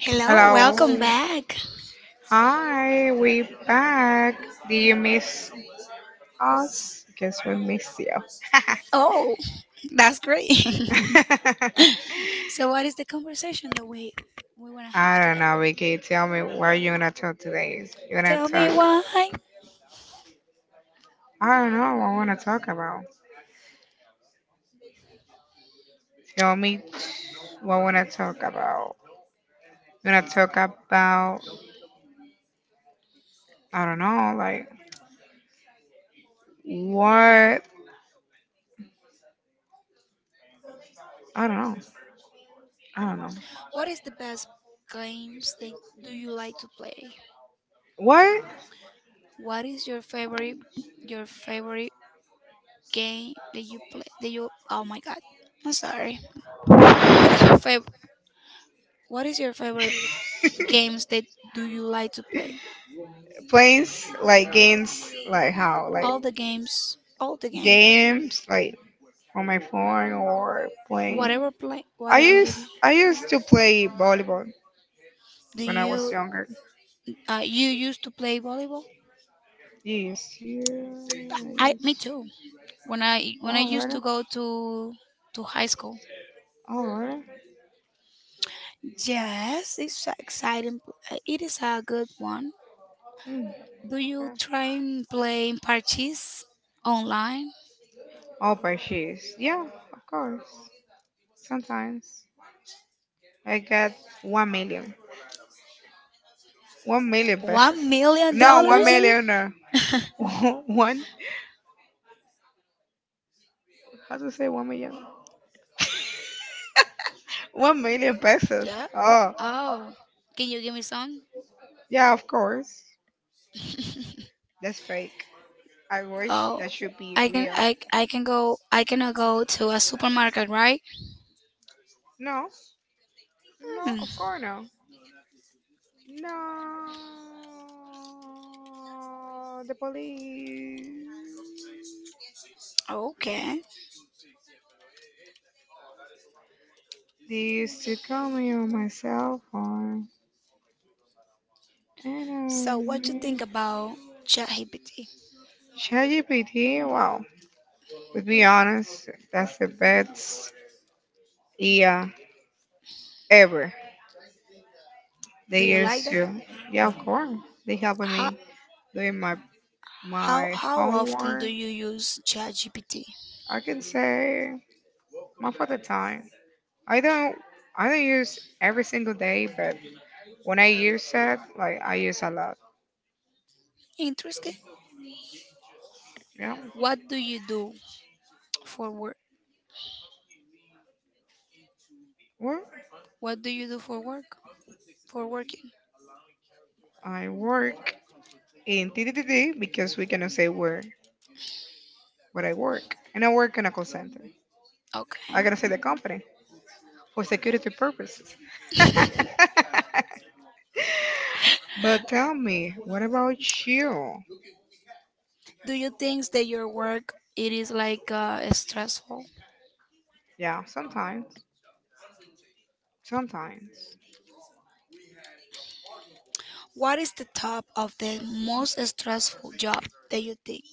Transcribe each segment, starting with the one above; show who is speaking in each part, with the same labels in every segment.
Speaker 1: Hello,
Speaker 2: Hello.
Speaker 1: welcome back.
Speaker 2: Hi, we back. Do you miss us? Guess we miss you.
Speaker 1: Oh, that's great. So, what is the conversation that we want to
Speaker 2: I
Speaker 1: have
Speaker 2: don't
Speaker 1: today?
Speaker 2: know, Vicky. Tell me what you going to talk today. You going
Speaker 1: Tell
Speaker 2: to talk?
Speaker 1: me why.
Speaker 2: I don't know. What I wanna talk about? Tell me what I wanna talk about. You wanna talk about? I don't know. Like what? I don't know. I don't know.
Speaker 1: What is the best games that do you like to play?
Speaker 2: What
Speaker 1: What is your favorite game that you play? That you oh my god, I'm sorry. What is your fav What is your favorite games that do you like to play?
Speaker 2: planes? Like games? Like how? Like
Speaker 1: All the games,
Speaker 2: games? Like on my phone or playing.
Speaker 1: whatever play,
Speaker 2: I
Speaker 1: whatever.
Speaker 2: used I used to play volleyball
Speaker 1: Do
Speaker 2: when I was
Speaker 1: you
Speaker 2: younger.
Speaker 1: You used to play volleyball?
Speaker 2: Yes, yeah,
Speaker 1: I me
Speaker 2: yes.
Speaker 1: too. When I
Speaker 2: All
Speaker 1: used
Speaker 2: right,
Speaker 1: to go to high school.
Speaker 2: all right.
Speaker 1: Yes, it's a exciting. It is a good one.
Speaker 2: Mm.
Speaker 1: Do you try and play parties online?
Speaker 2: All by shoes. Yeah, of course. Sometimes I got 1 million, 1 million pesos.
Speaker 1: One million
Speaker 2: No, one one
Speaker 1: dollars?
Speaker 2: dollar? Million. No. One. How to say 1 million? 1 million pesos.
Speaker 1: Yeah.
Speaker 2: Oh,
Speaker 1: Oh, can you give me some?
Speaker 2: yeah, of course. That's fake. I wish
Speaker 1: Oh,
Speaker 2: that should be real.
Speaker 1: I can go I cannot go to a supermarket, right?
Speaker 2: No, no, of
Speaker 1: Hmm.
Speaker 2: course no. No, the police
Speaker 1: Okay.
Speaker 2: they used to call me on my cell phone. And
Speaker 1: So what you think
Speaker 2: um,
Speaker 1: about ChatGPT?
Speaker 2: ChatGPT, wow. To be honest, that's the best yeah ever. They
Speaker 1: Do you like
Speaker 2: used
Speaker 1: that?
Speaker 2: to. Yeah, of course. They helping
Speaker 1: How,
Speaker 2: me doing my
Speaker 1: how,
Speaker 2: my
Speaker 1: how often do
Speaker 2: homework.
Speaker 1: you use ChatGPT?
Speaker 2: I can say most of the time. I don't I don't use every single day, but when I use it, like I use a lot.
Speaker 1: Interesting.
Speaker 2: Yeah.
Speaker 1: What do you do for work?
Speaker 2: Well,
Speaker 1: What do you do for work? For working.
Speaker 2: I work in T T T T because we cannot say where, but I work. And I work in a call center. I
Speaker 1: Okay.
Speaker 2: gotta say the company for security purposes. But tell me, what about you?
Speaker 1: Do you think that your work it is like stressful?
Speaker 2: Yeah, sometimes. Sometimes.
Speaker 1: What is the top of the most stressful job that you think?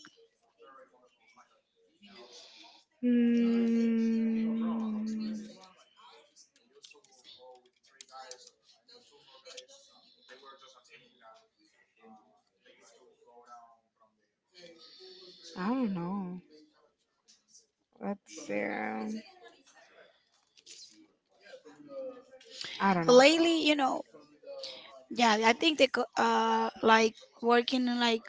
Speaker 2: Mm, I don't know. Let's see. I don't know.
Speaker 1: Lately, yeah, I think like working in like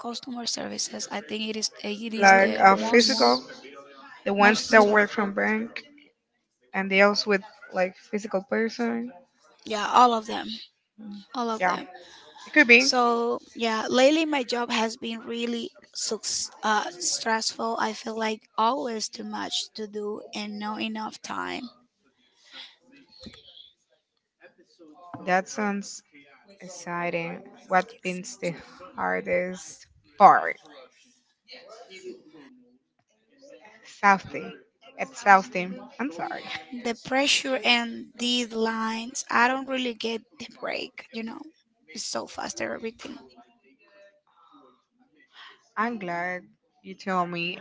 Speaker 1: customer services. I think it is
Speaker 2: Like
Speaker 1: the
Speaker 2: a physical,
Speaker 1: most
Speaker 2: the ones
Speaker 1: most
Speaker 2: that
Speaker 1: stressful.
Speaker 2: work from bank, and deals with like physical person.
Speaker 1: Yeah, all of them, all of
Speaker 2: Yeah,
Speaker 1: them.
Speaker 2: it could be.
Speaker 1: So yeah, lately my job has been really suc stressful. I feel like always too much to do and not enough time.
Speaker 2: That sounds exciting. What been's the hardest part? Southie. It's Southie. I'm sorry.
Speaker 1: The pressure and deadlines, I don't really get the break. It's so fast everything.
Speaker 2: I'm glad you told me.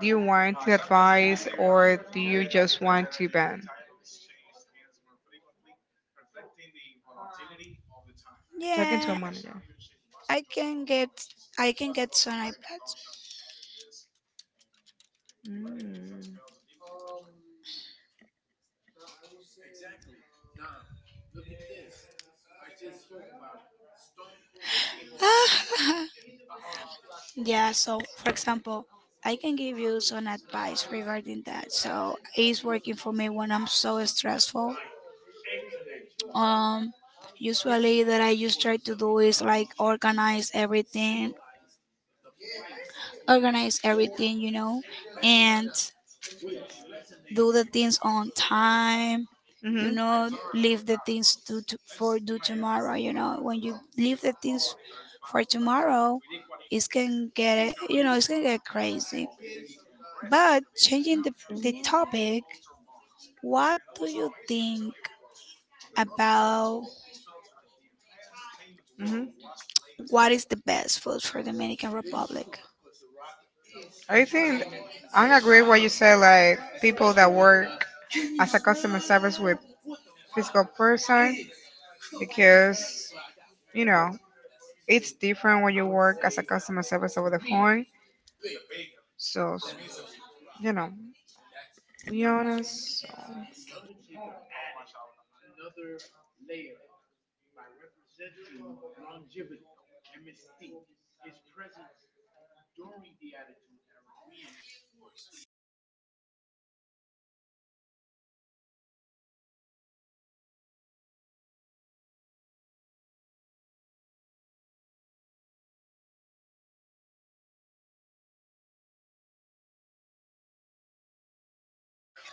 Speaker 2: Do you want to advise or do you just want to ban? Talking to a
Speaker 1: Yeah,
Speaker 2: manager.
Speaker 1: I can get I can get some iPads.
Speaker 2: Mm.
Speaker 1: Yeah, so for example, I can give you some advice regarding that. So it's working for me when I'm so stressful. Um, usually that I just try to do is like organize everything, and do the things on time. Do
Speaker 2: Mhm.
Speaker 1: not leave the things to for do tomorrow. When you leave the things for tomorrow, it can get crazy. But changing the topic, what do you think about
Speaker 2: Mhm.
Speaker 1: what is the best food for Dominican Republic?
Speaker 2: I think I agree what you said. Like people that work as a customer service with physical person, because you know it's different when you work as a customer service over the phone. So you know, be honest. So.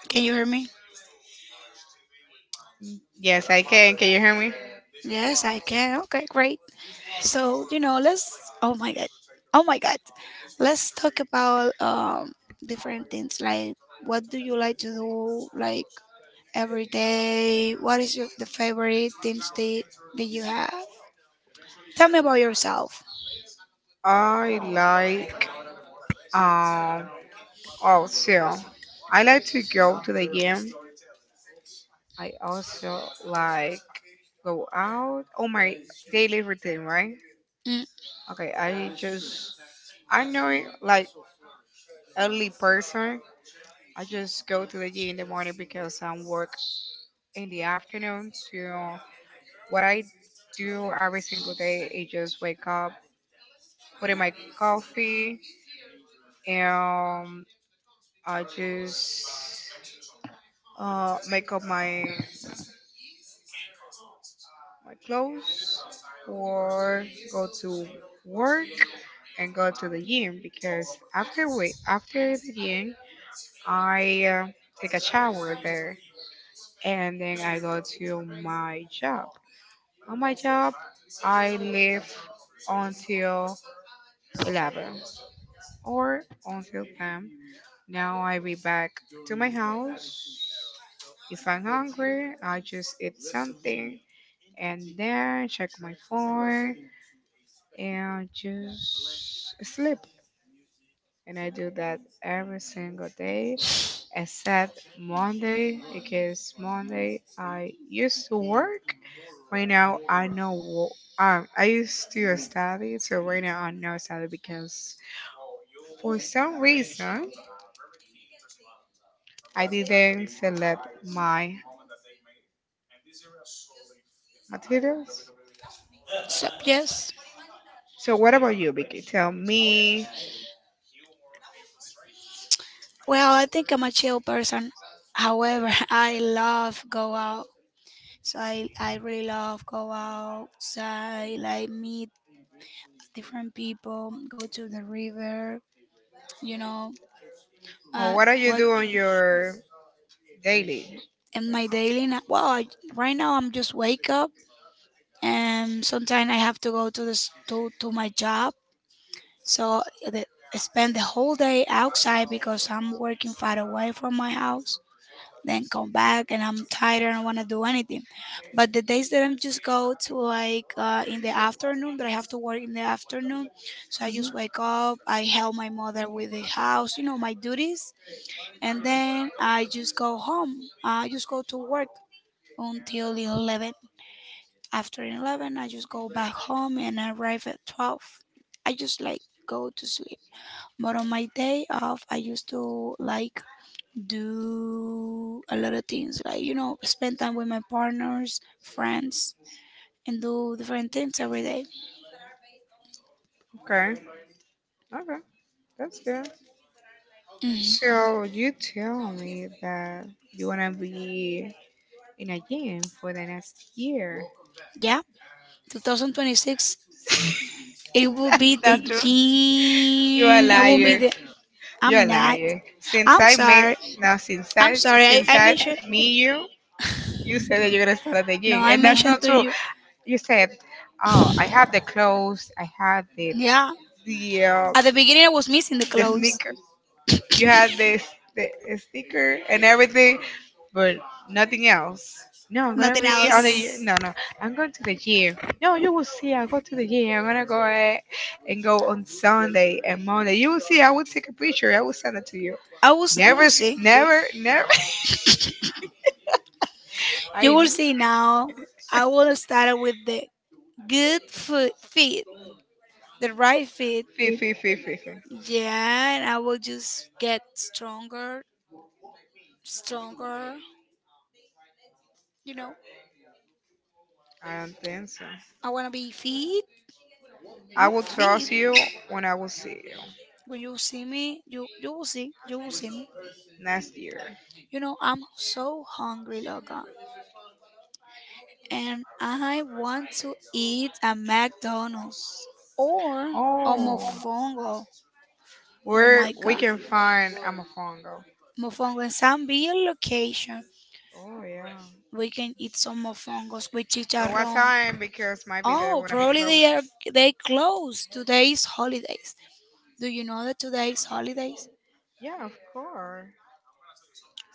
Speaker 1: Can you hear me?
Speaker 2: Yes, I can. Can you hear me?
Speaker 1: Yes, I can. Okay, great. So, let's oh my god. Oh my god. Let's talk about different things like what do you like to do like every day? What is your the favorite things that you have? Tell me about yourself.
Speaker 2: I like um. Oh, so I like to go to the gym. I also like go out. Oh, my daily routine, right?
Speaker 1: Mm.
Speaker 2: Okay, I just I'm not like early person. I just go to the gym in the morning because I work in the afternoon. So what I do every single day is just wake up, put in my coffee, and I just make up my clothes or go to work and go to the gym because after the gym I take a shower there and then I go to my job. On my job I live until 11 or until 10. Now I be back to my house. If I'm hungry, I just eat something and then check my phone and just sleep. And I do that every single day except Monday because Monday I used to work. Right now I know I used to study, so right now I know study because for some reason I didn't select my materials.
Speaker 1: So, yes.
Speaker 2: So what about you, Vicky? Tell me,
Speaker 1: Well, I think I'm a chill person. However, I love go out. So I really love go outside, like meet different people, go to the river, you know,
Speaker 2: or
Speaker 1: uh,
Speaker 2: what do you
Speaker 1: what
Speaker 2: do on your daily?
Speaker 1: in my daily right now I'm just wake up and sometimes I have to go to my job so the, I spend the whole day outside because I'm working far away from my house then come back and I'm tired and I don't want to do anything. But the days that I'm just go to like in the afternoon that I have to work in the afternoon, so I just wake up, I help my mother with the house, my duties, and then I just go home. I just go to work until 11. After 11, I just go back home and I arrive at 12. I just like go to sleep. But on my day off, I used to like do a lot of things, like, spend time with my partners, friends, and do different things every day.
Speaker 2: Okay, okay, that's good.
Speaker 1: Mhm.
Speaker 2: So you tell me that you wanna be in a gym for the next year.
Speaker 1: Yeah, 2026. It will
Speaker 2: That's
Speaker 1: be
Speaker 2: not
Speaker 1: the
Speaker 2: true. You are a
Speaker 1: gym. It will be
Speaker 2: liar.
Speaker 1: the.
Speaker 2: You are
Speaker 1: I'm
Speaker 2: a
Speaker 1: not.
Speaker 2: liar. Since
Speaker 1: I'm
Speaker 2: I met
Speaker 1: sorry.
Speaker 2: now,
Speaker 1: I'm sorry. I,
Speaker 2: since
Speaker 1: I
Speaker 2: I
Speaker 1: mentioned.
Speaker 2: meet you, you said that you're gonna start at the
Speaker 1: No,
Speaker 2: gym,
Speaker 1: I
Speaker 2: and that's
Speaker 1: mentioned
Speaker 2: not
Speaker 1: to
Speaker 2: true.
Speaker 1: you.
Speaker 2: You said, "Oh, I have the clothes. I have the
Speaker 1: Yeah.
Speaker 2: the uh,
Speaker 1: At the beginning, I was missing the
Speaker 2: the
Speaker 1: clothes.
Speaker 2: sneaker." You had this the a sticker and everything, but nothing else. No, I'm gonna
Speaker 1: Nothing
Speaker 2: read on the
Speaker 1: else.
Speaker 2: no. I'm going to the gym. No, you will see. I go to the gym. I'm gonna go ahead and go on Sunday and Monday. You will see. I will take a picture. I will send it to you.
Speaker 1: I was. You
Speaker 2: Never,
Speaker 1: will
Speaker 2: s-
Speaker 1: see.
Speaker 2: never, never.
Speaker 1: You
Speaker 2: I
Speaker 1: will see now. I will start with the good food, feet, the right feet.
Speaker 2: fee fee fee fee fee.
Speaker 1: Yeah, and I will just get stronger, stronger. You know,
Speaker 2: I don't think so.
Speaker 1: I wanna be fit.
Speaker 2: I
Speaker 1: I'm
Speaker 2: will
Speaker 1: fit.
Speaker 2: trust you when I will see you
Speaker 1: When you see me, you will see. You will see me.
Speaker 2: next year.
Speaker 1: I'm so hungry, Logan, and I want to eat a McDonald's or a
Speaker 2: Oh,
Speaker 1: mofongo. Oh
Speaker 2: where
Speaker 1: my
Speaker 2: we
Speaker 1: god.
Speaker 2: can find Amafongo.
Speaker 1: Mofongo and some beer location.
Speaker 2: Oh yeah.
Speaker 1: We can eat some mofongos with
Speaker 2: Well, what
Speaker 1: chicharrón.
Speaker 2: time? Because might be they
Speaker 1: Oh,
Speaker 2: wanna be
Speaker 1: probably
Speaker 2: closed.
Speaker 1: they closed. Today's holidays. Do you know that today's holidays?
Speaker 2: Yeah, of course.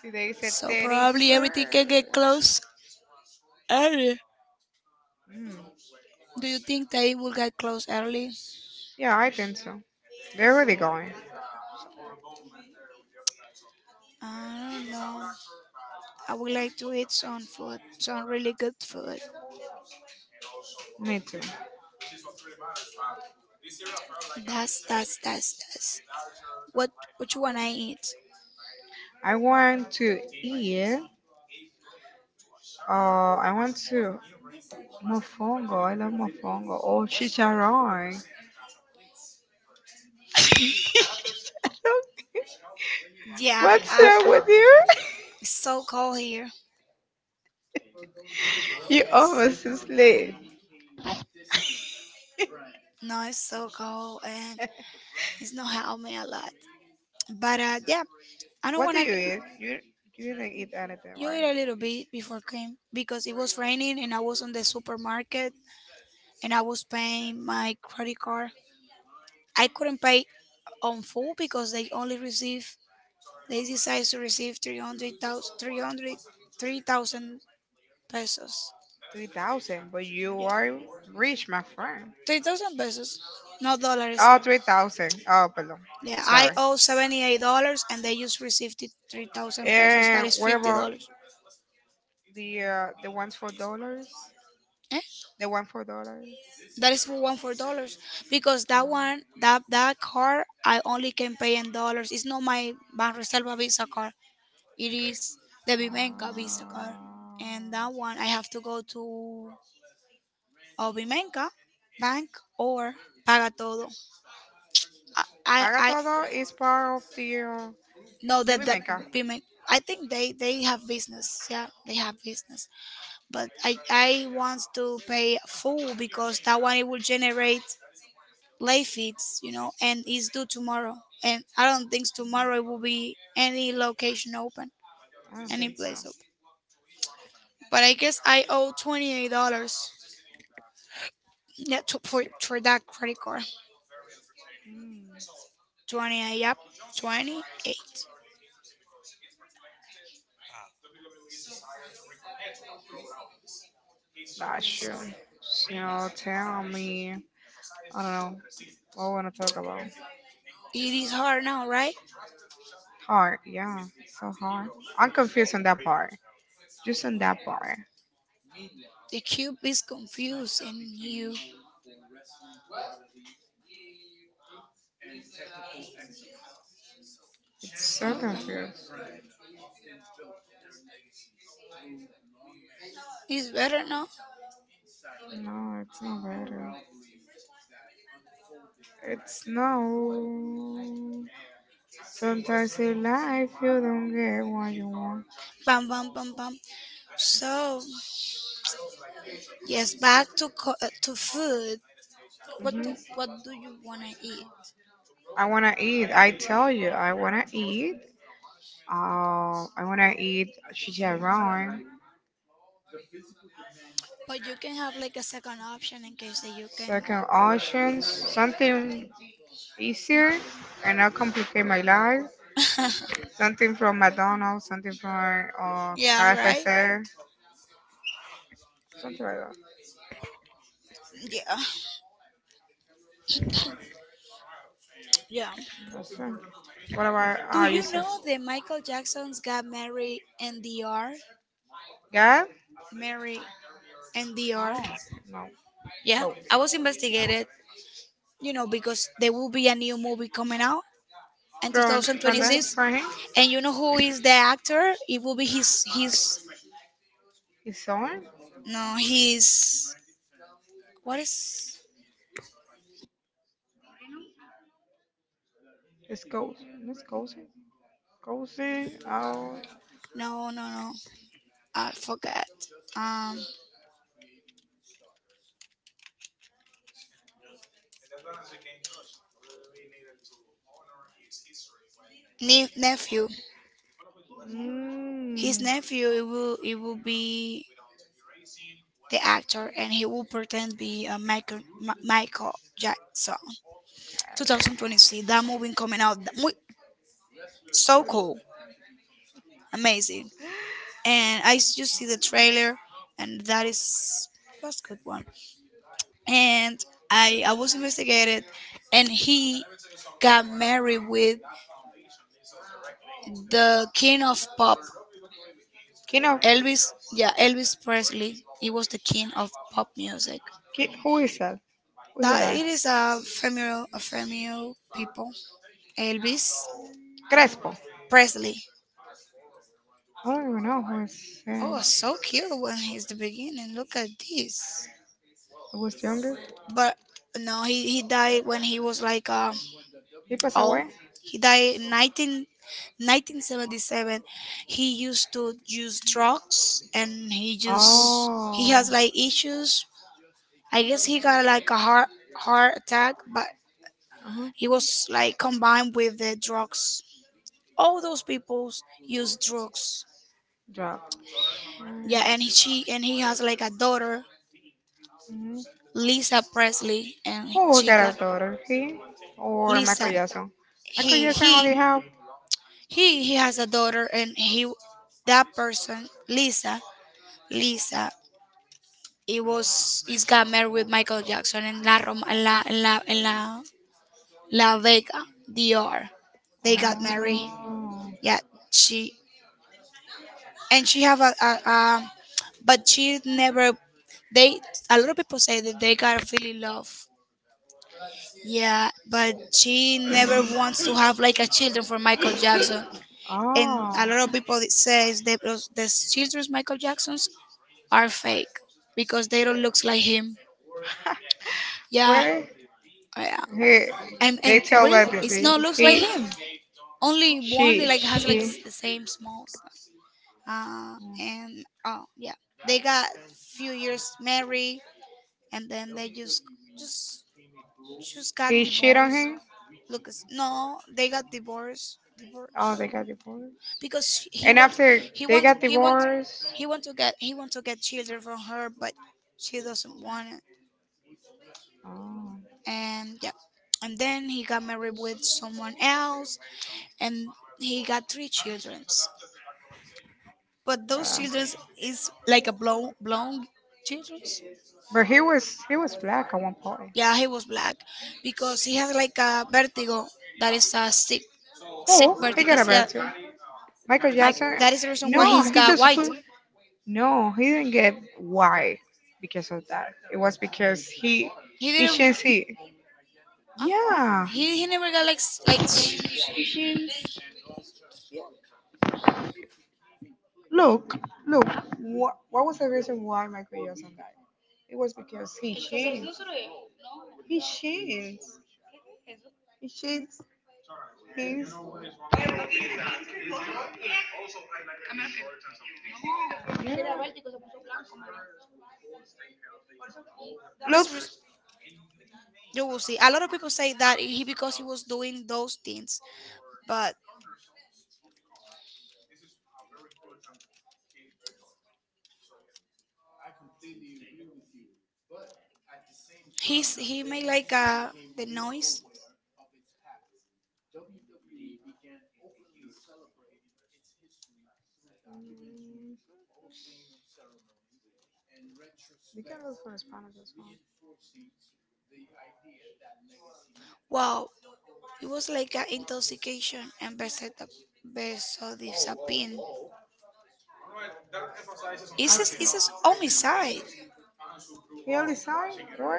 Speaker 2: Today is the
Speaker 1: So
Speaker 2: thirty
Speaker 1: probably everything can
Speaker 2: first.
Speaker 1: get closed early.
Speaker 2: Mm.
Speaker 1: Do you think they will get closed early?
Speaker 2: Yeah, I think so. They're already going.
Speaker 1: I don't know. I would like to eat some food, some really good food.
Speaker 2: Me too.
Speaker 1: That's. What which one I eat?
Speaker 2: I want to eat. I want to mofongo. I love mofongo. Oh, chicharrón.
Speaker 1: Yeah,
Speaker 2: What's up with you?
Speaker 1: it's so cold here.
Speaker 2: you
Speaker 1: It is.
Speaker 2: almost asleep.
Speaker 1: No, it's so cold and it's not helping me a lot. But yeah, I don't
Speaker 2: What do
Speaker 1: wanna
Speaker 2: you eat? You didn't eat anything,
Speaker 1: you eat
Speaker 2: right?
Speaker 1: a little bit before came because it was raining and I was in the supermarket and I was paying my credit card. I couldn't pay on full because they decided to receive 300,000, 300, 3,000 pesos.
Speaker 2: 3,000, but
Speaker 1: Yeah,
Speaker 2: you are rich, my friend.
Speaker 1: 3,000 pesos, no dollars.
Speaker 2: Oh, 3,000. Oh, pardon.
Speaker 1: Yeah, I
Speaker 2: Sorry.
Speaker 1: owe $78 and they just received it 3,000 pesos. That
Speaker 2: And
Speaker 1: is
Speaker 2: what about
Speaker 1: $50.
Speaker 2: the ones for dollars? The one for dollars.
Speaker 1: That is for one for dollars because that
Speaker 2: Ah.
Speaker 1: one that that card I only can pay in dollars. It's not my Banreserva Visa card. It is the
Speaker 2: Ah.
Speaker 1: Bimenka Visa card, and that one I have to go to Bimenka Bank or Pagatodo. I I,
Speaker 2: Paga
Speaker 1: I
Speaker 2: Todo is part of
Speaker 1: no
Speaker 2: the
Speaker 1: that the
Speaker 2: Remeka.
Speaker 1: Bimenka. I think they have business. Yeah, they have business. But I want to pay full because that one it will generate Life, fits, and it's due tomorrow. And I don't think tomorrow it will be any location open,
Speaker 2: I don't
Speaker 1: any
Speaker 2: think so.
Speaker 1: place open. But I guess I owe $28. Yeah, for that credit card,
Speaker 2: Hmm.
Speaker 1: 28. Yep, 28.
Speaker 2: Not sure. So tell me. I don't know. What I want to talk about?
Speaker 1: It is hard now, right?
Speaker 2: Hard. Yeah. So hard. I'm confused on that part. Just on that part.
Speaker 1: The cube is confused, and you
Speaker 2: It's so
Speaker 1: okay?
Speaker 2: confused.
Speaker 1: It's better now.
Speaker 2: No, it's not better. It's no. Sometimes in life you don't get what you want.
Speaker 1: Bam, bam, bam, bam. So yes, back to to food.
Speaker 2: Mhm.
Speaker 1: What do you wanna eat?
Speaker 2: I wanna eat. I tell you, I wanna eat. I wanna eat chicharrón.
Speaker 1: But you can have like a second option in case that you can.
Speaker 2: Second options, something easier and not complicate my life. Something from McDonald's, something from
Speaker 1: yeah, right?
Speaker 2: KFC, something like that.
Speaker 1: Yeah. Yeah.
Speaker 2: That's it. What about
Speaker 1: Do
Speaker 2: you?
Speaker 1: you
Speaker 2: Said
Speaker 1: know that Michael Jackson's got Mary NDR?
Speaker 2: God?
Speaker 1: Mary NDR?
Speaker 2: Oh no,
Speaker 1: Yeah.
Speaker 2: no.
Speaker 1: I was investigated, because there will be a new movie coming out in
Speaker 2: From that
Speaker 1: 2026.
Speaker 2: from him,
Speaker 1: And you know who is the actor? It will be his,
Speaker 2: his son,
Speaker 1: no, his, what is,
Speaker 2: his ghost, his ghost. Cozy out.
Speaker 1: no, no, no. I forgot. Um, nephew. His
Speaker 2: Mm.
Speaker 1: nephew, it will be the actor, and he will pretend be Michael Jackson. 2023, that movie coming out, so cool, amazing. And just see the trailer, and that's good one. And I was investigated, and he got married with the king of pop,
Speaker 2: You
Speaker 1: Elvis. Yeah, Elvis Presley. He was the king of pop music.
Speaker 2: who is that? Who's that
Speaker 1: That
Speaker 2: guy?
Speaker 1: it is a female people. Elvis
Speaker 2: Crespo.
Speaker 1: Presley.
Speaker 2: I don't even know who is
Speaker 1: Oh,
Speaker 2: him.
Speaker 1: so cute when he's the beginning. Look at this.
Speaker 2: He was younger.
Speaker 1: But no, he died when he was like
Speaker 2: He passed
Speaker 1: old.
Speaker 2: away.
Speaker 1: He died in 1977. He used to use drugs and he
Speaker 2: Oh.
Speaker 1: has like issues. I guess he got like a heart attack, but
Speaker 2: Uh-huh.
Speaker 1: he was like combined with the drugs. All those people use drugs.
Speaker 2: Dropped.
Speaker 1: Yeah, and he, she and he has like a daughter,
Speaker 2: Mm-hmm.
Speaker 1: Lisa Presley, and
Speaker 2: Who
Speaker 1: she
Speaker 2: got a
Speaker 1: got
Speaker 2: daughter? He or Michael
Speaker 1: Lisa.
Speaker 2: Jackson? Michael
Speaker 1: He
Speaker 2: Jackson
Speaker 1: he
Speaker 2: only have.
Speaker 1: he has a daughter, and he that person Lisa. It was he's got married with Michael Jackson in La Roma, en la La Vega, DR. They got
Speaker 2: Oh.
Speaker 1: married. Yeah, she she have a, but she never. They A lot of people say that they got a feel in love. Yeah, but she never wants to have like a children for Michael Jackson, and
Speaker 2: Oh.
Speaker 1: a lot of people that says that those the children's Michael Jacksons are fake because they don't look like him. Yeah, yeah, and
Speaker 2: He, told
Speaker 1: really,
Speaker 2: that
Speaker 1: it's
Speaker 2: the,
Speaker 1: not looks like
Speaker 2: he,
Speaker 1: him. Only one like has like
Speaker 2: she,
Speaker 1: the same small size. And oh yeah, they got few years married, and then they just just got
Speaker 2: he cheated on
Speaker 1: divorced.
Speaker 2: him.
Speaker 1: Look, no, they got divorced.
Speaker 2: Oh, they
Speaker 1: Divorced
Speaker 2: got divorced.
Speaker 1: because
Speaker 2: And after
Speaker 1: he
Speaker 2: they
Speaker 1: want
Speaker 2: got
Speaker 1: he want
Speaker 2: divorced,
Speaker 1: he want to get children from her but she doesn't want it
Speaker 2: oh.
Speaker 1: and yeah and then he got married with someone else and he got three children but those children is like a blown children
Speaker 2: But he was black at one point.
Speaker 1: yeah he was black because he has like a vertigo that is a sick
Speaker 2: Oh, he
Speaker 1: vertigo
Speaker 2: got a
Speaker 1: yeah
Speaker 2: bad too. Michael
Speaker 1: like
Speaker 2: Jackson.
Speaker 1: that is the reason
Speaker 2: n-
Speaker 1: why he's got white
Speaker 2: No, he didn't get why because of that. It was because he
Speaker 1: he didn't
Speaker 2: changed it.
Speaker 1: huh?
Speaker 2: Yeah,
Speaker 1: He never got like
Speaker 2: look, look. What was the reason why Michael Jackson died? It was because he changed. He changed. He changed his looks.
Speaker 1: you will see. A lot of people say that he because he was doing those things, but he made like the noise.
Speaker 2: You can look for Spanish as
Speaker 1: Wow, it was like a intoxication and besodiazepine.
Speaker 2: well. I just-
Speaker 1: It's a homicide.
Speaker 2: He only signed what?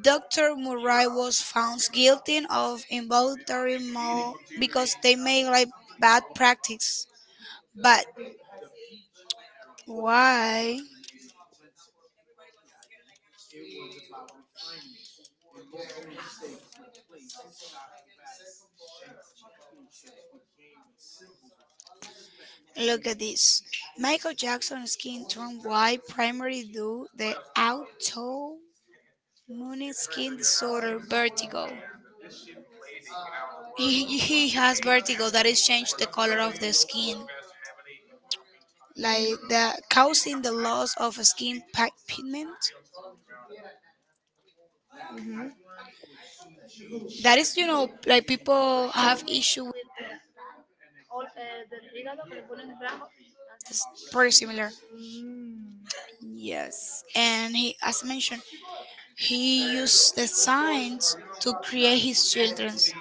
Speaker 1: Dr. Murray was found guilty of involuntary murder because they made like bad practice. But why? Look at this. Michael Jackson's skin turned white primarily due the auto Moon's skin disorder, vertigo. He has vertigo that is changed the color of the skin, like that, causing the loss of skin pigment. That is, like people have issue with this, pretty similar. Yes, and he, as I mentioned, he used the science to create his childrens,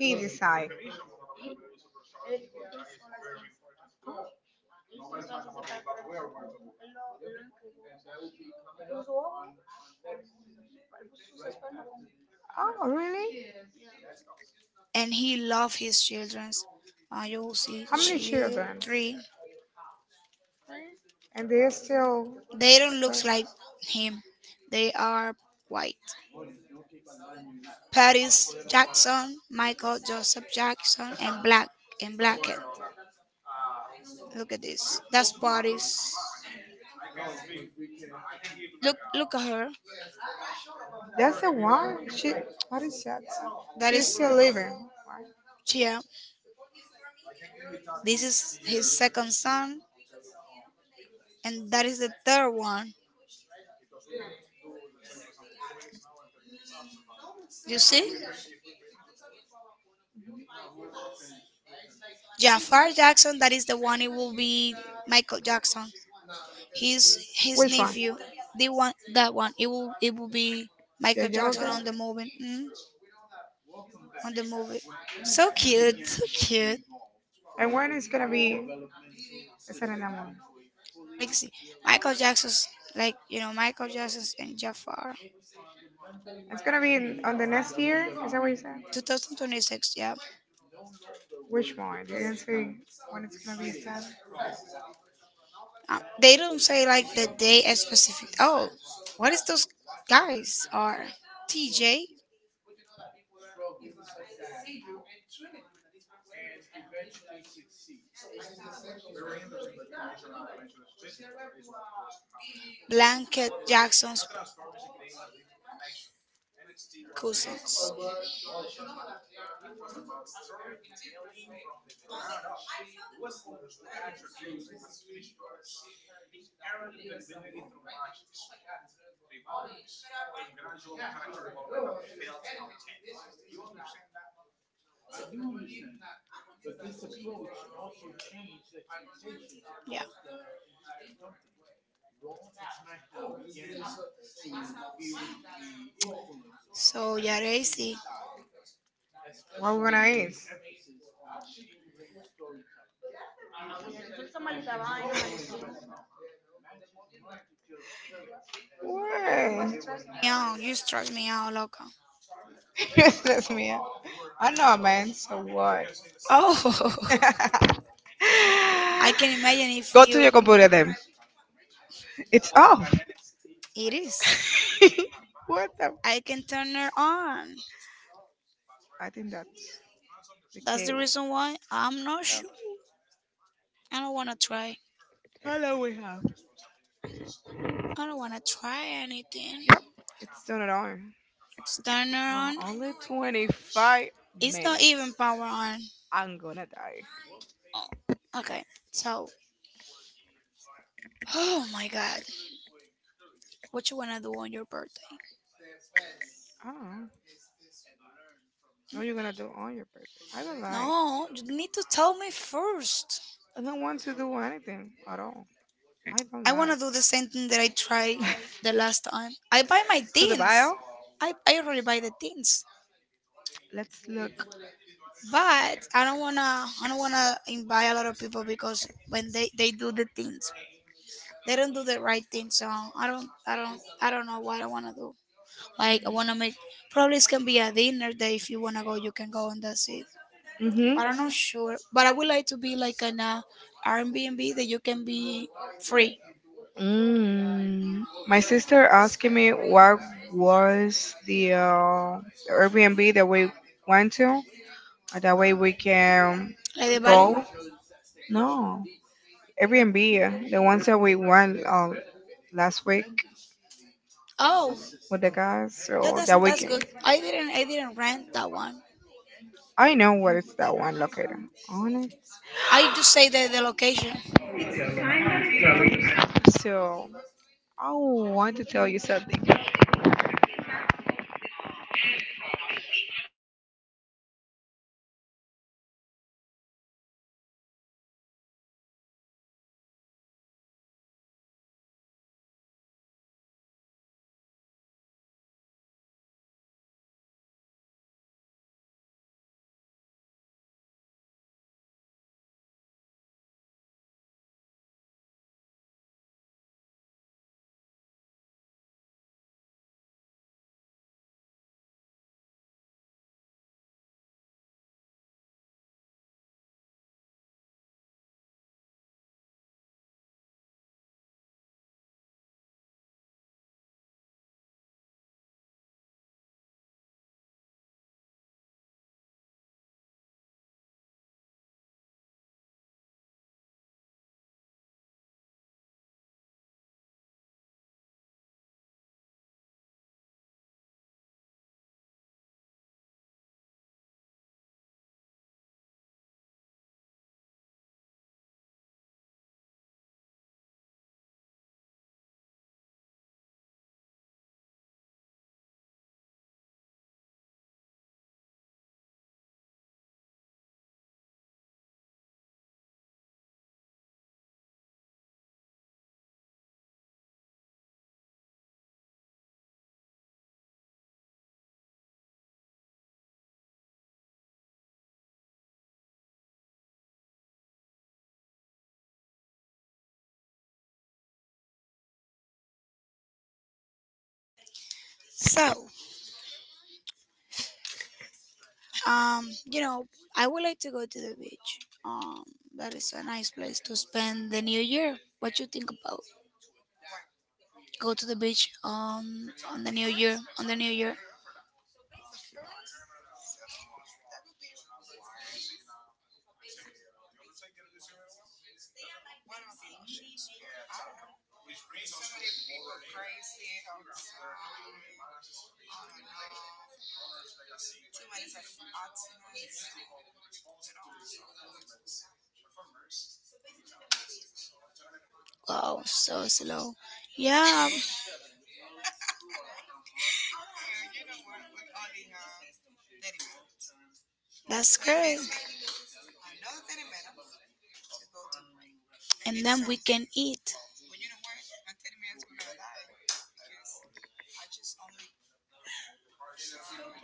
Speaker 2: He decide. Oh, really?
Speaker 1: and he loved his childrens. You will see,
Speaker 2: How many
Speaker 1: child
Speaker 2: children?
Speaker 1: three.
Speaker 2: And they're still.
Speaker 1: They don't
Speaker 2: Well,
Speaker 1: look like him. They are white. Paris Jackson, Michael Joseph Jackson, and Black and Blackhead. Look at this. That's Paris. Look at her.
Speaker 2: that's the one. She. What is that?
Speaker 1: That
Speaker 2: She's
Speaker 1: is
Speaker 2: still living.
Speaker 1: Chia. This is his second son, and that is the third one. You see, Jafar Jackson. That is the one. It will be Michael Jackson. He's his nephew. The one, that one. It will be Michael Jackson on the movie. On the movie. So cute, so cute.
Speaker 2: And when is gonna be? Is that another one?
Speaker 1: Like see, Michael Jackson's, like Michael Jackson's in Jafar.
Speaker 2: It's gonna be in, on the next year. Is that what you said?
Speaker 1: 2026. Yeah,
Speaker 2: Which one? You didn't say when it's gonna be established.
Speaker 1: they don't say like the day and specific. Oh, what is those guys are T.J. Blanket Jackson's cousins. Yeah. So yeah, they see.
Speaker 2: What we're gonna eat? What?
Speaker 1: Meow, you stress me out, loco.
Speaker 2: That's me. I know, man. So what?
Speaker 1: Oh, I can imagine if
Speaker 2: Go to
Speaker 1: you.
Speaker 2: your computer then. It's off.
Speaker 1: It is.
Speaker 2: What the?
Speaker 1: I can turn her on.
Speaker 2: I think that's the
Speaker 1: That's the
Speaker 2: cable.
Speaker 1: reason why I'm not sure. I don't wanna try.
Speaker 2: Hello, we have?
Speaker 1: I don't wanna try anything.
Speaker 2: Yep, it's still not on.
Speaker 1: Turn on.
Speaker 2: Oh, only 25
Speaker 1: It's not even
Speaker 2: minutes.
Speaker 1: power on.
Speaker 2: I'm gonna die.
Speaker 1: Oh, okay. So, oh my god. What you wanna do on your birthday?
Speaker 2: Oh, what are you gonna do on your birthday? I don't like.
Speaker 1: No, you need to tell me first.
Speaker 2: I don't want to do anything at all. I don't
Speaker 1: I wanna do the same thing that I tried the last time. I buy my things.
Speaker 2: Kyle,
Speaker 1: I already buy the things.
Speaker 2: let's look.
Speaker 1: But I don't wanna invite a lot of people because when they do the things, they don't do the right things. So I don't know what I wanna do. Like I wanna make probably it's can be a dinner day if you wanna go, you can go and that's it. But I'm
Speaker 2: Mm-hmm.
Speaker 1: not sure. But I would like to be like an Airbnb that you can be free.
Speaker 2: Mm. My sister asking me what was the Airbnb that we went to. That way we can.
Speaker 1: Like the value.
Speaker 2: No, Airbnb, the ones that we went last week.
Speaker 1: Oh,
Speaker 2: With the guys. So
Speaker 1: that's good. I didn't rent that one.
Speaker 2: I know where is that one located on it.
Speaker 1: I just say the location.
Speaker 2: So I want to tell you something.
Speaker 1: So you know I would like to go to the beach. Um that is a nice place to spend the new year. What you think about go to the beach on the new year on the new year? Wow, so slow. Yeah, that's great. And then we can eat.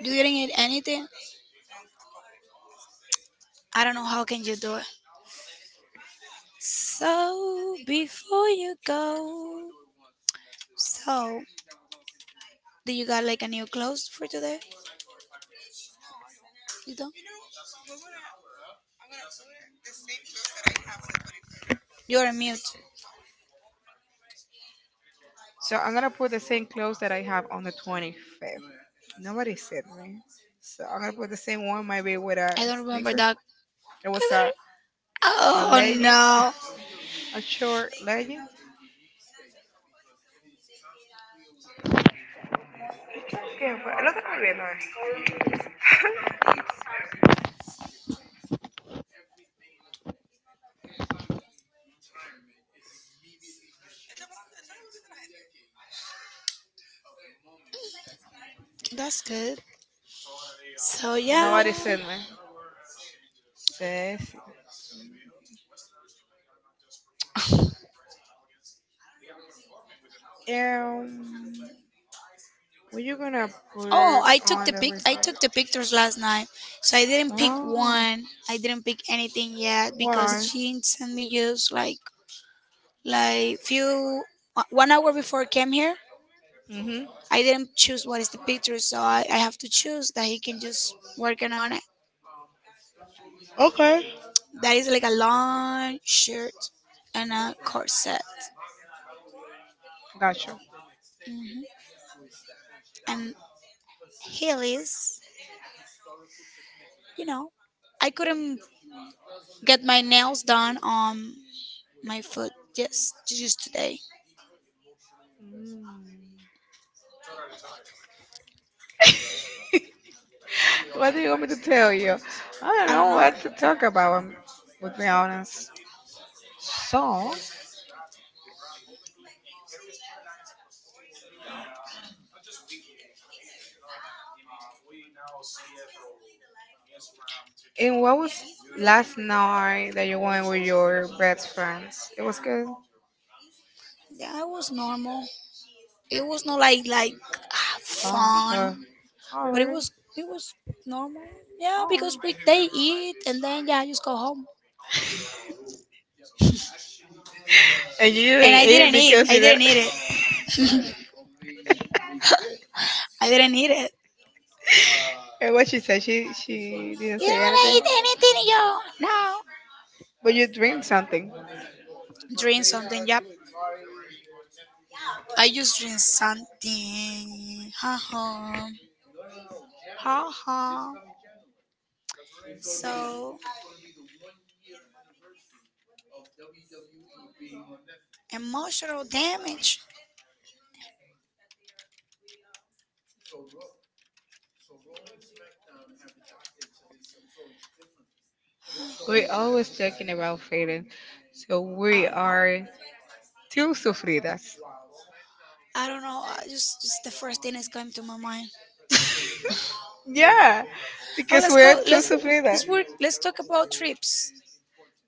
Speaker 1: Do you didn't eat anything? I don't know how can you do it. So before you go, so do you got like a new clothes for today? You don't? You're on mute.
Speaker 2: So I'm gonna put the same clothes that I have on the 25th. Nobody said me. So I'm gonna put the same one, maybe with a
Speaker 1: I don't remember
Speaker 2: sneaker.
Speaker 1: that.
Speaker 2: It
Speaker 1: I
Speaker 2: was a
Speaker 1: don't- Oh
Speaker 2: legging,
Speaker 1: no,
Speaker 2: a short legging.
Speaker 1: that's good. So yeah.
Speaker 2: Nobody said me. Says, um, were you gonna
Speaker 1: Oh, I
Speaker 2: put?
Speaker 1: took the pic. I took the pictures last night. So I didn't pick
Speaker 2: Oh,
Speaker 1: one. I didn't pick anything yet
Speaker 2: wow.
Speaker 1: because she didn't send me just like few 1 hour before I came here.
Speaker 2: Mhm.
Speaker 1: I didn't choose what is the picture, so I have to choose that he can just working on it.
Speaker 2: Okay.
Speaker 1: That is like a long shirt and a corset,
Speaker 2: Gotcha.
Speaker 1: hmm and heelys. You know, I couldn't get my nails done on my foot just today.
Speaker 2: What do you want me to tell you? I
Speaker 1: I
Speaker 2: don't
Speaker 1: don't
Speaker 2: know
Speaker 1: know.
Speaker 2: what to talk about, to be honest. So, and what was last night that you went with your best friends? It was good.
Speaker 1: Yeah, it was normal. It was not like
Speaker 2: Oh,
Speaker 1: fun.
Speaker 2: uh, oh
Speaker 1: But it
Speaker 2: really?
Speaker 1: was it was normal. Yeah,
Speaker 2: Oh.
Speaker 1: because we they eat and then yeah, I just go home.
Speaker 2: And you
Speaker 1: And I didn't eat. I didn't eat it. I didn't eat it.
Speaker 2: and what she said, she didn't
Speaker 1: You
Speaker 2: say
Speaker 1: don't wanna
Speaker 2: anything,
Speaker 1: eat anything, yo. No.
Speaker 2: but you drink something.
Speaker 1: Drink something. Yep. I just drink something. Ha ha. Ha ha. So emotional damage.
Speaker 2: We're always talking about failing, so
Speaker 1: I
Speaker 2: we are two sufridas.
Speaker 1: I don't know. I just the first thing is coming to my mind.
Speaker 2: Yeah,
Speaker 1: Oh,
Speaker 2: because
Speaker 1: let's go.
Speaker 2: we're two
Speaker 1: Let's
Speaker 2: sufridas.
Speaker 1: let's work. Let's talk about trips.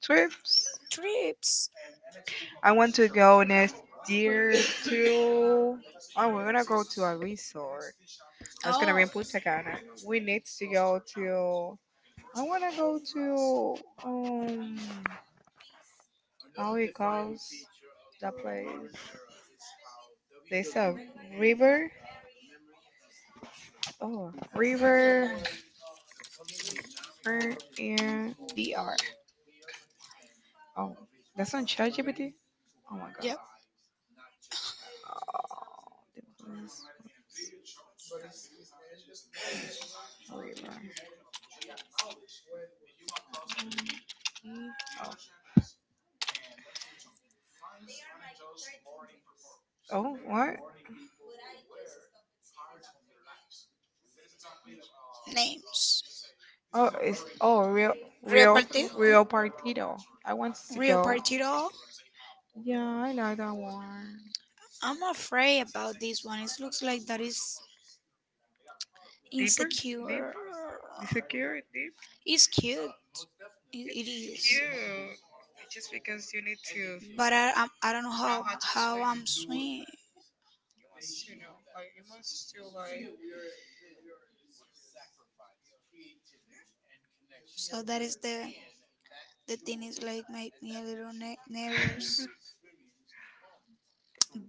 Speaker 2: Trips.
Speaker 1: Trips.
Speaker 2: I want to go next year to. Oh, we're gonna go to a resort. That's gonna
Speaker 1: Oh,
Speaker 2: be in Punta Cana. We need to go to. I wanna go to um. How it calls that place? There's a river. Oh, river river in DR. Oh, that's on ChatGPT. Oh my God,
Speaker 1: yep,
Speaker 2: river. Oh, oh what?
Speaker 1: names.
Speaker 2: Oh, it's oh
Speaker 1: Rio Partido?
Speaker 2: real partido. I want
Speaker 1: Rio Partido?
Speaker 2: yeah, I like that one.
Speaker 1: I'm afraid about this one. It looks like that is insecure.
Speaker 2: The security,
Speaker 1: It's cute. It is.
Speaker 2: cute, because you need to.
Speaker 1: But I, I'm- I do not know how I'm swim. So that is the thing is like make me a little nervous.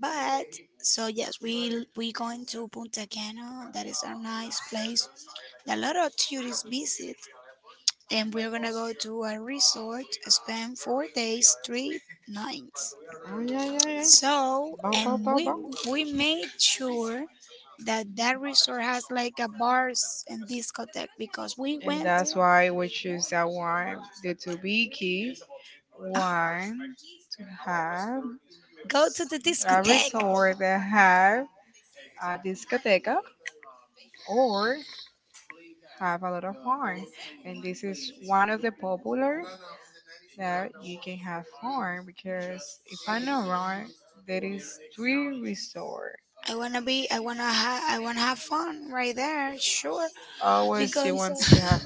Speaker 1: But so yes, we going to Punta Cana. That is a nice place. A lot of tourists visit, and we're gonna go to a resort, spend 4 days, three nights.
Speaker 2: Oh yeah, yeah, yeah.
Speaker 1: So,
Speaker 2: Bow,
Speaker 1: and
Speaker 2: bow, bow,
Speaker 1: we
Speaker 2: bow.
Speaker 1: we made sure that that resort has like a bars and discotheque because we
Speaker 2: And
Speaker 1: went.
Speaker 2: that's why we choose that one. The Tubiki
Speaker 1: "Ah,
Speaker 2: one to have
Speaker 1: go to the
Speaker 2: a
Speaker 1: discotheque.
Speaker 2: resort that have a discoteca or have a lot of fun. And this is one of the popular that you can have fun because if I'm not wrong, there is three resort.
Speaker 1: I wanna be. I wanna have fun right there. Sure,
Speaker 2: Always she
Speaker 1: because
Speaker 2: wants to have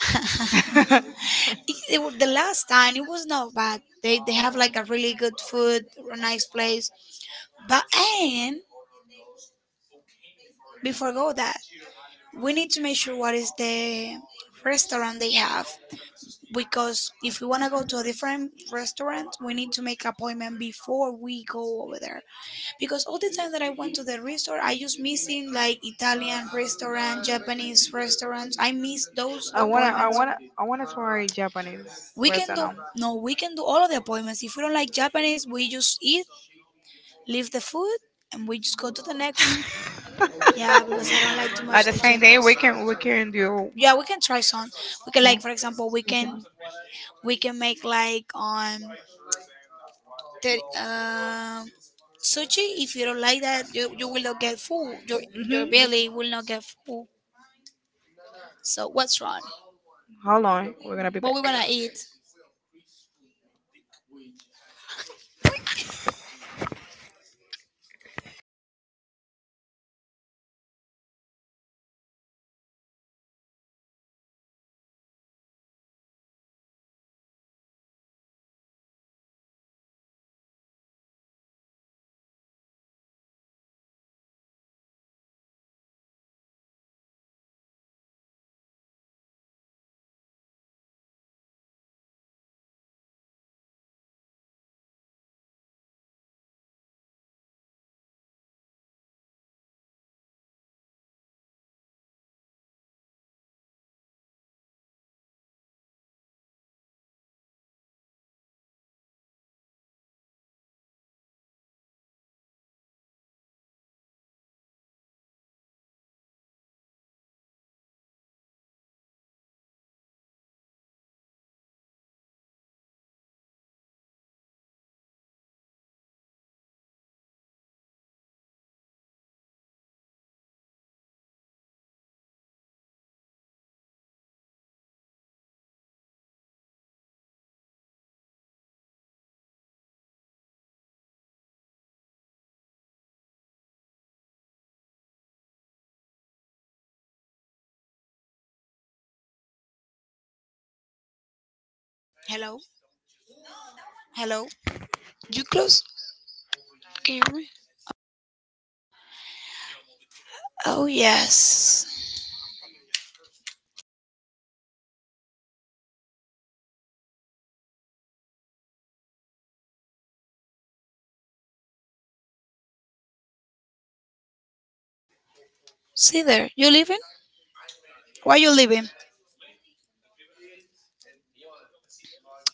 Speaker 2: fun.
Speaker 1: the last time it was not bad. They have like a really good food, a nice place. But and before go that, we need to make sure what is the restaurant they have because if we want to go to a different restaurant, we need to make appointment before we go over there. Because all the time that I went to the resort, I just missing like Italian restaurant, Japanese restaurants. I miss those
Speaker 2: I wanna
Speaker 1: appointments.
Speaker 2: I wanna try Japanese.
Speaker 1: We can do no, we can do all of the appointments. If we don't like Japanese, we just eat, leave the food, and we just go to the next. Yeah, because I don't like too
Speaker 2: At
Speaker 1: much the
Speaker 2: the same day
Speaker 1: Japanese.
Speaker 2: we can do
Speaker 1: Yeah we can try some we can like for example we can make like on the um sushi if you don't like that you will not get full your belly will not get full so what's wrong
Speaker 2: how long we're gonna be.
Speaker 1: what we gonna eat hello hello you close can you hear me oh yes see there you leaving why you leaving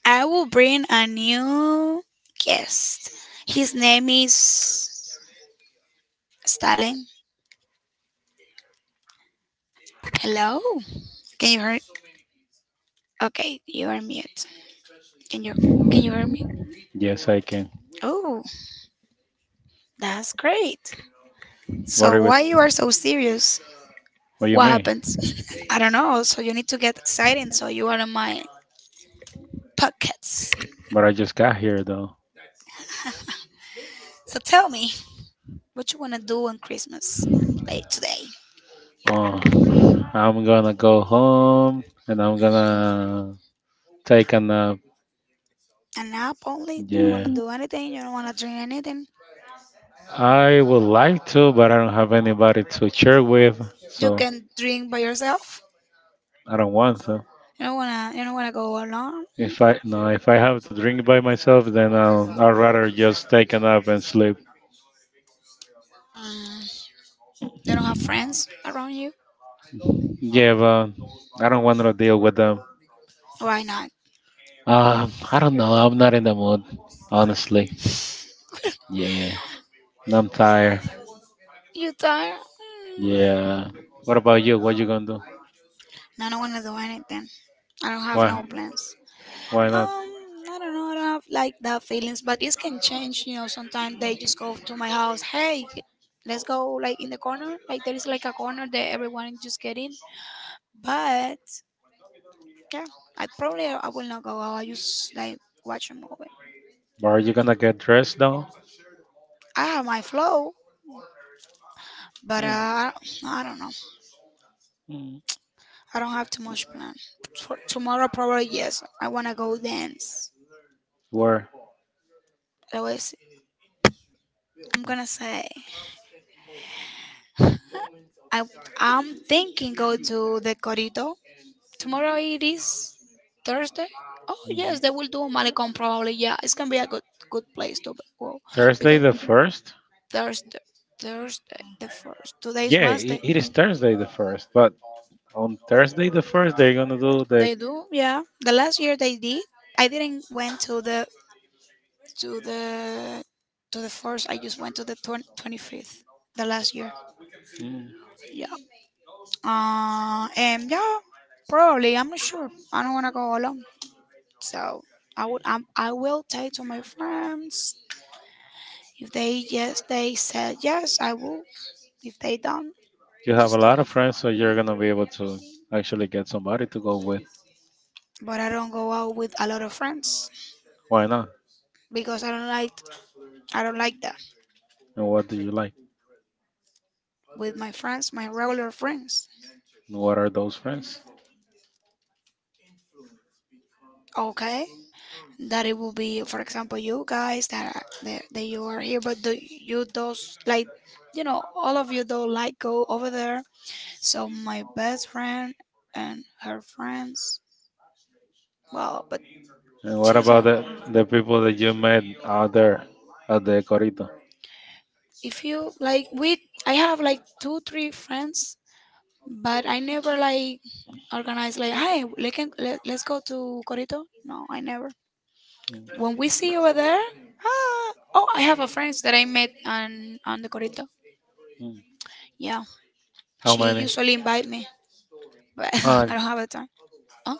Speaker 1: I will bring a new guest his name is stalin hello can you hear okay you are mute. Can you can you hear me?
Speaker 2: Yes, I can.
Speaker 1: Oh, that's great.
Speaker 2: What
Speaker 1: So
Speaker 2: do you,
Speaker 1: why you are so serious?
Speaker 2: what you
Speaker 1: What
Speaker 2: mean?
Speaker 1: happens? I don't know. So you need to get excited so you are in my pockets.
Speaker 2: But I just got here though.
Speaker 1: So tell me, what you wanna do on Christmas? Like today.
Speaker 2: Oh, I'm gonna go home and I'm
Speaker 1: Mm.
Speaker 2: gonna take a nap.
Speaker 1: And now only you don't
Speaker 2: Yeah,
Speaker 1: wanna do anything, you don't wanna drink anything.
Speaker 2: I would like to, but I don't have anybody to share with,
Speaker 1: You
Speaker 2: so
Speaker 1: can drink by yourself.
Speaker 2: I don't want to.
Speaker 1: You don't wanna go alone.
Speaker 2: If I have to drink by myself, then I'd rather just take a nap and sleep.
Speaker 1: Mm. You don't have friends around you.
Speaker 2: Yeah, but I don't want to deal with them.
Speaker 1: Why not?
Speaker 2: I don't know. I'm not in the mood, honestly. Yeah, and I'm tired.
Speaker 1: You tired? Mm.
Speaker 2: Yeah. What about you? What you gonna do?
Speaker 1: No, I don't wanna do anything. I don't have
Speaker 2: Why?
Speaker 1: no plans.
Speaker 2: Why not?
Speaker 1: Um, I don't know. I don't have like that feelings, but it can change. You know, sometimes they just go to my house. Hey, let's go like in the corner. Like there is like a corner that everyone just get in. But yeah, I probably I will not go out. I just like watch a movie.
Speaker 2: But are you gonna get dressed though?
Speaker 1: I have my flow, but
Speaker 2: Mm,
Speaker 1: I don't know.
Speaker 2: mm.
Speaker 1: I don't have too much plan. For tomorrow probably yes. I wanna go dance.
Speaker 2: Where?
Speaker 1: Otherwise, I'm gonna say I I'm thinking go to the corito. Tomorrow it is Thursday. Oh yes, they will do a
Speaker 2: Mm.
Speaker 1: Malecon probably. Yeah, it's gonna be a good place to go
Speaker 2: Thursday
Speaker 1: because
Speaker 2: the first?
Speaker 1: Thursday, Thursday the first. Today is
Speaker 2: Yeah, I
Speaker 1: Wednesday.
Speaker 2: it is Thursday the first. But on Thursday the first, they're gonna do the.
Speaker 1: They do. Yeah, the last year they did. I didn't went to the to the to the first. I just went to the 25th. The last year.
Speaker 2: Mm.
Speaker 1: Yeah. And yeah, probably. I'm not sure. I don't wanna go alone, so I would. I will take to my friends. If they yes, they said yes, I will. If they don't,
Speaker 2: You have a lot
Speaker 1: stay.
Speaker 2: of friends, so you're gonna be able to actually get somebody to go with.
Speaker 1: But I don't go out with a lot of friends
Speaker 2: Why not?
Speaker 1: because I don't like that
Speaker 2: And what do you like?
Speaker 1: with my friends, my regular friends.
Speaker 2: And what are those friends?
Speaker 1: Okay, that it will be, for example, you guys that are, that you are here, but do you those like you know all of you don't like go over there. So my best friend and her friends. Well, but
Speaker 2: And what
Speaker 1: she's
Speaker 2: about
Speaker 1: a,
Speaker 2: the people that you met out there at the Corito?
Speaker 1: if you like we I have like 2 3 friends but I never like organize like, hey, let's go to Corito. No, I never.
Speaker 2: Mm,
Speaker 1: When we see over there, ah, oh, I have a friends that I met on the Corito.
Speaker 2: mm.
Speaker 1: Yeah,
Speaker 2: How
Speaker 1: she
Speaker 2: many?
Speaker 1: usually invite me, but
Speaker 2: Uh,
Speaker 1: I don't have the time. Huh?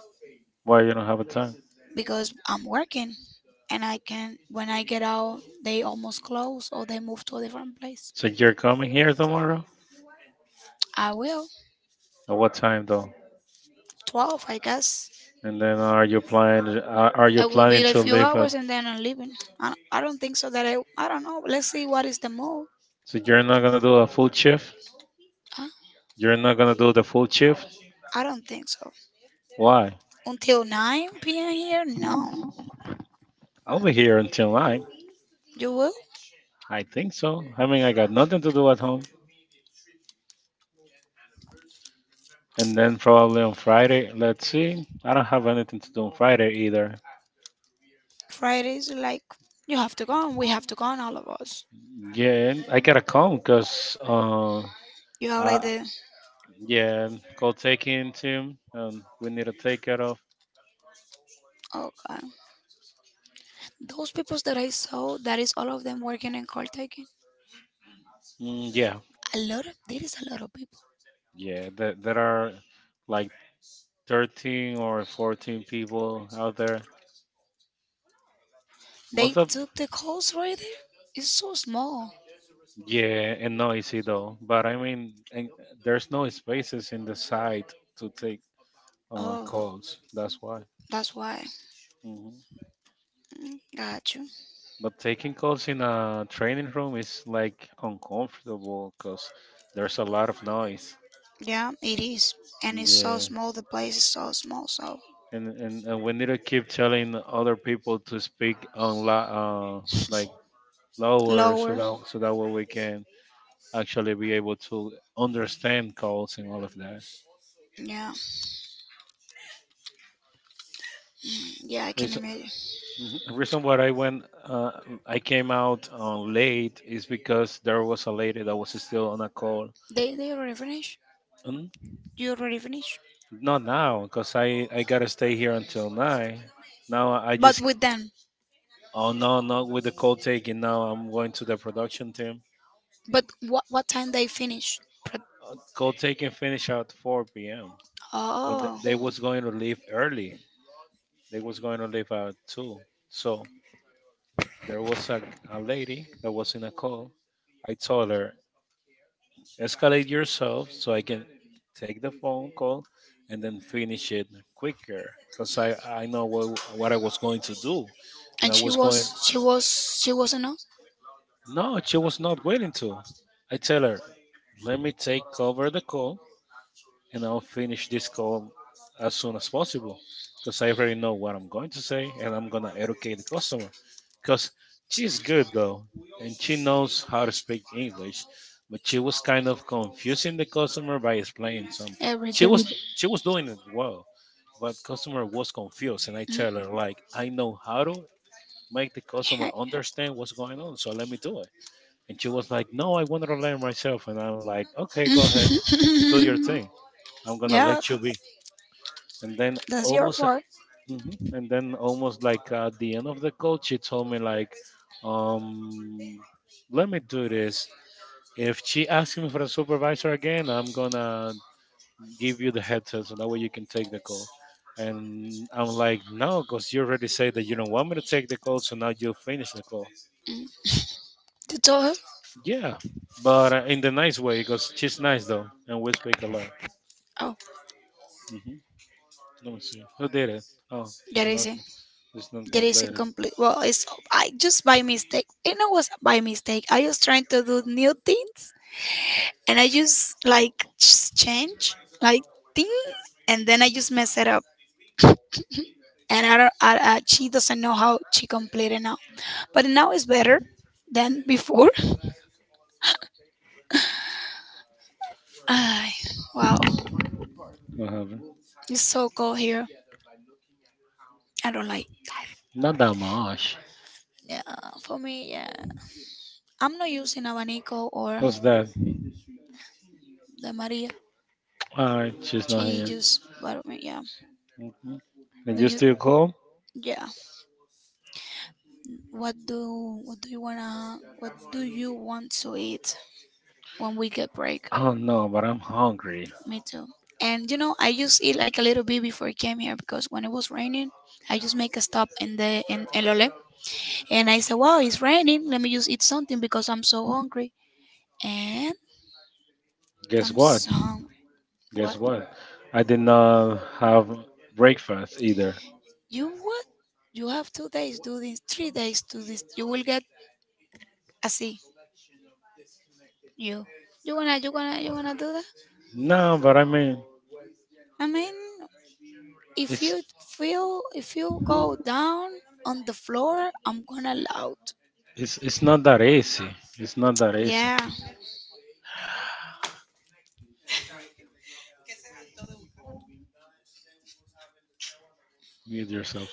Speaker 2: why you don't have a time?
Speaker 1: Because I'm working and I can. When I get out, they almost close or they move to a different place.
Speaker 2: So you're coming here tomorrow?
Speaker 1: I will
Speaker 2: At what time though?
Speaker 1: 12, I guess.
Speaker 2: And then are you planning? Are you
Speaker 1: It will
Speaker 2: planning
Speaker 1: be like
Speaker 2: to
Speaker 1: few
Speaker 2: leave at?
Speaker 1: hours and then I'm leaving. I don't think so that I don't know. Let's see what is the move.
Speaker 2: So you're not gonna do a full shift? You're not gonna do the full shift?
Speaker 1: I don't think so.
Speaker 2: Why?
Speaker 1: Until 9 p.m. here? No.
Speaker 2: I'll be here until 9.
Speaker 1: You will?
Speaker 2: I think so. I mean, I got nothing to do at home. And then probably on Friday, let's see. I don't have anything to do on Friday either.
Speaker 1: Fridays, like, you have to go. On. We have to go, on all of us.
Speaker 2: Yeah, I gotta come because,
Speaker 1: You have,
Speaker 2: uh,
Speaker 1: like, the.
Speaker 2: yeah, cold taking team, we need to take care of.
Speaker 1: Oh, God. Those people that I saw, that is all of them working in call taking.
Speaker 2: Mm, yeah,
Speaker 1: A lot of. There is a lot of people.
Speaker 2: yeah, there are like 13 or 14 people out there. Most
Speaker 1: They
Speaker 2: of,
Speaker 1: took the calls right there. It's so small.
Speaker 2: yeah, and noisy though. But I mean, and there's no spaces in the site to take
Speaker 1: Oh,
Speaker 2: calls. That's why.
Speaker 1: that's why.
Speaker 2: Mm-hmm.
Speaker 1: Mm, got you.
Speaker 2: But taking calls in a training room is like uncomfortable because there's a lot of noise.
Speaker 1: Yeah, it is. And it's so
Speaker 2: Yeah,
Speaker 1: small. The place is so small. So
Speaker 2: and we need to keep telling other people to speak on like lower
Speaker 1: lower.
Speaker 2: so that way we can actually be able to understand calls and all of that.
Speaker 1: Yeah. Yeah, I can
Speaker 2: Reason
Speaker 1: imagine.
Speaker 2: mhm. reason why I went uh, I came out late is because there was a lady that was still on a call.
Speaker 1: They already finished?
Speaker 2: Mm-hmm.
Speaker 1: You already finished?
Speaker 2: Not now, because I gotta stay here until nine. Now I
Speaker 1: But
Speaker 2: just
Speaker 1: with them,
Speaker 2: oh no, not with the code taking. Now I'm going to the production team.
Speaker 1: but what time they finish? Pro-
Speaker 2: Code taking finish at 4 p.m. But
Speaker 1: Oh,
Speaker 2: they was going to leave early. They was going to leave at two. So there was a lady that was in a call. I told her escalate yourself so I can take the phone call and then finish it quicker because I know what I was going to do and I
Speaker 1: and she
Speaker 2: was going.
Speaker 1: was she was she was not
Speaker 2: No, she was not willing to. I tell her, let me take over the call and I'll finish this call as soon as possible because I already know what I'm going to say and I'm going to educate the customer because she's good though and she knows how to speak English but she was kind of confusing the customer by explaining something.
Speaker 1: everything.
Speaker 2: She was doing it well but customer was confused and I
Speaker 1: Mm?
Speaker 2: tell her like I know how to make the customer understand what's going on so let me do it. And she was like, no, I want to learn myself. And I'm like, okay, go ahead, do
Speaker 1: Yeah.
Speaker 2: your thing. I'm gonna
Speaker 1: yeah,
Speaker 2: let you be. And then
Speaker 1: that's your
Speaker 2: almost,
Speaker 1: part.
Speaker 2: and then almost like at the end of the call, she told me like, um, let me do this. If she asks me for a supervisor again, I'm gonna give you the headset so that way you can take the call. And I'm like, no, because you already said that you don't want me to take the call, so now you finish the call.
Speaker 1: Mm. You told her?
Speaker 2: Yeah, but in the nice way, because she's nice though, and we speak a lot.
Speaker 1: Oh,
Speaker 2: Hmm. Let me see. Who did it? Oh,
Speaker 1: that
Speaker 2: it's
Speaker 1: is
Speaker 2: not.
Speaker 1: it.
Speaker 2: It's not
Speaker 1: That is a
Speaker 2: completed.
Speaker 1: complete. Well, it's I just by mistake. You know was by mistake? I was trying to do new things and I just like just change like thing, and then I just mess it up, and I don't. She doesn't know how she completed now, but now it's better than before. Ay, wow,
Speaker 2: What happened?
Speaker 1: it's so cold here. I don't like.
Speaker 2: Not that much.
Speaker 1: Yeah, for me, yeah, I'm not using abanico or
Speaker 2: Who's that?
Speaker 1: the Maria.
Speaker 2: All right, she's not
Speaker 1: She
Speaker 2: here.
Speaker 1: just, but yeah,
Speaker 2: Hmm. And
Speaker 1: do
Speaker 2: you
Speaker 1: you?
Speaker 2: still call?
Speaker 1: Yeah, what do what do you want to eat when we get break?
Speaker 2: Oh no, but I'm hungry.
Speaker 1: Me too. And you know, I just eat like a little bit before I came here because when it was raining, I just make a stop in the in Elole, and I said, "Wow, it's raining. Let me just eat something because I'm so hungry." And
Speaker 2: Guess
Speaker 1: I'm
Speaker 2: what?
Speaker 1: so hungry.
Speaker 2: Guess
Speaker 1: What?
Speaker 2: what? I did not have breakfast either.
Speaker 1: You what? You have 2 days. Do this. 3 days. Do this. You will get a C. You. You wanna? You gonna? You gonna do that?
Speaker 2: No, but I mean,
Speaker 1: I mean, if
Speaker 2: it's
Speaker 1: you feel, if you go down on the floor, I'm gonna loud.
Speaker 2: it's not that easy. It's not that easy.
Speaker 1: Yeah.
Speaker 2: Mute yourself.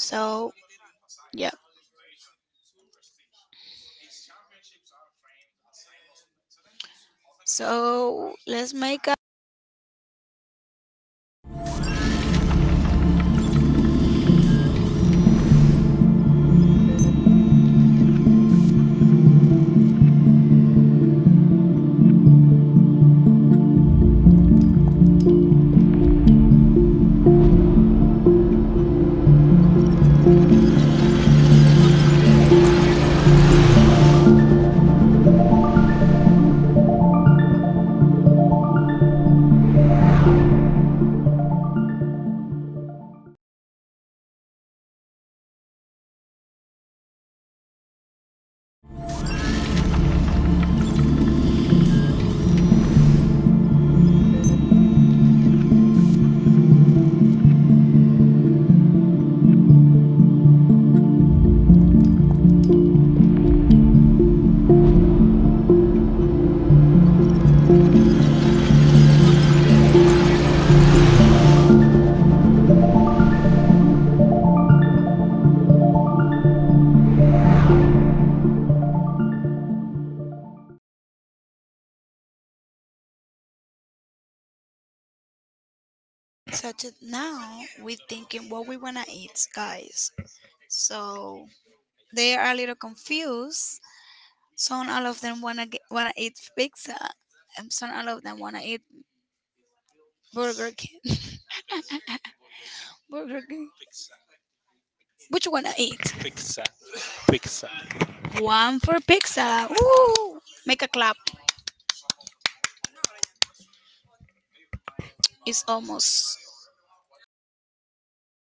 Speaker 1: So yeah. So let's make a budget now. We're thinking what we wanna eat, guys. So they are a little confused. Some all of them wanna wanna eat pizza, and some all of them wanna eat Burger King. Burger King. Which one I eat? One for pizza. Woo! Make a clap. It's almost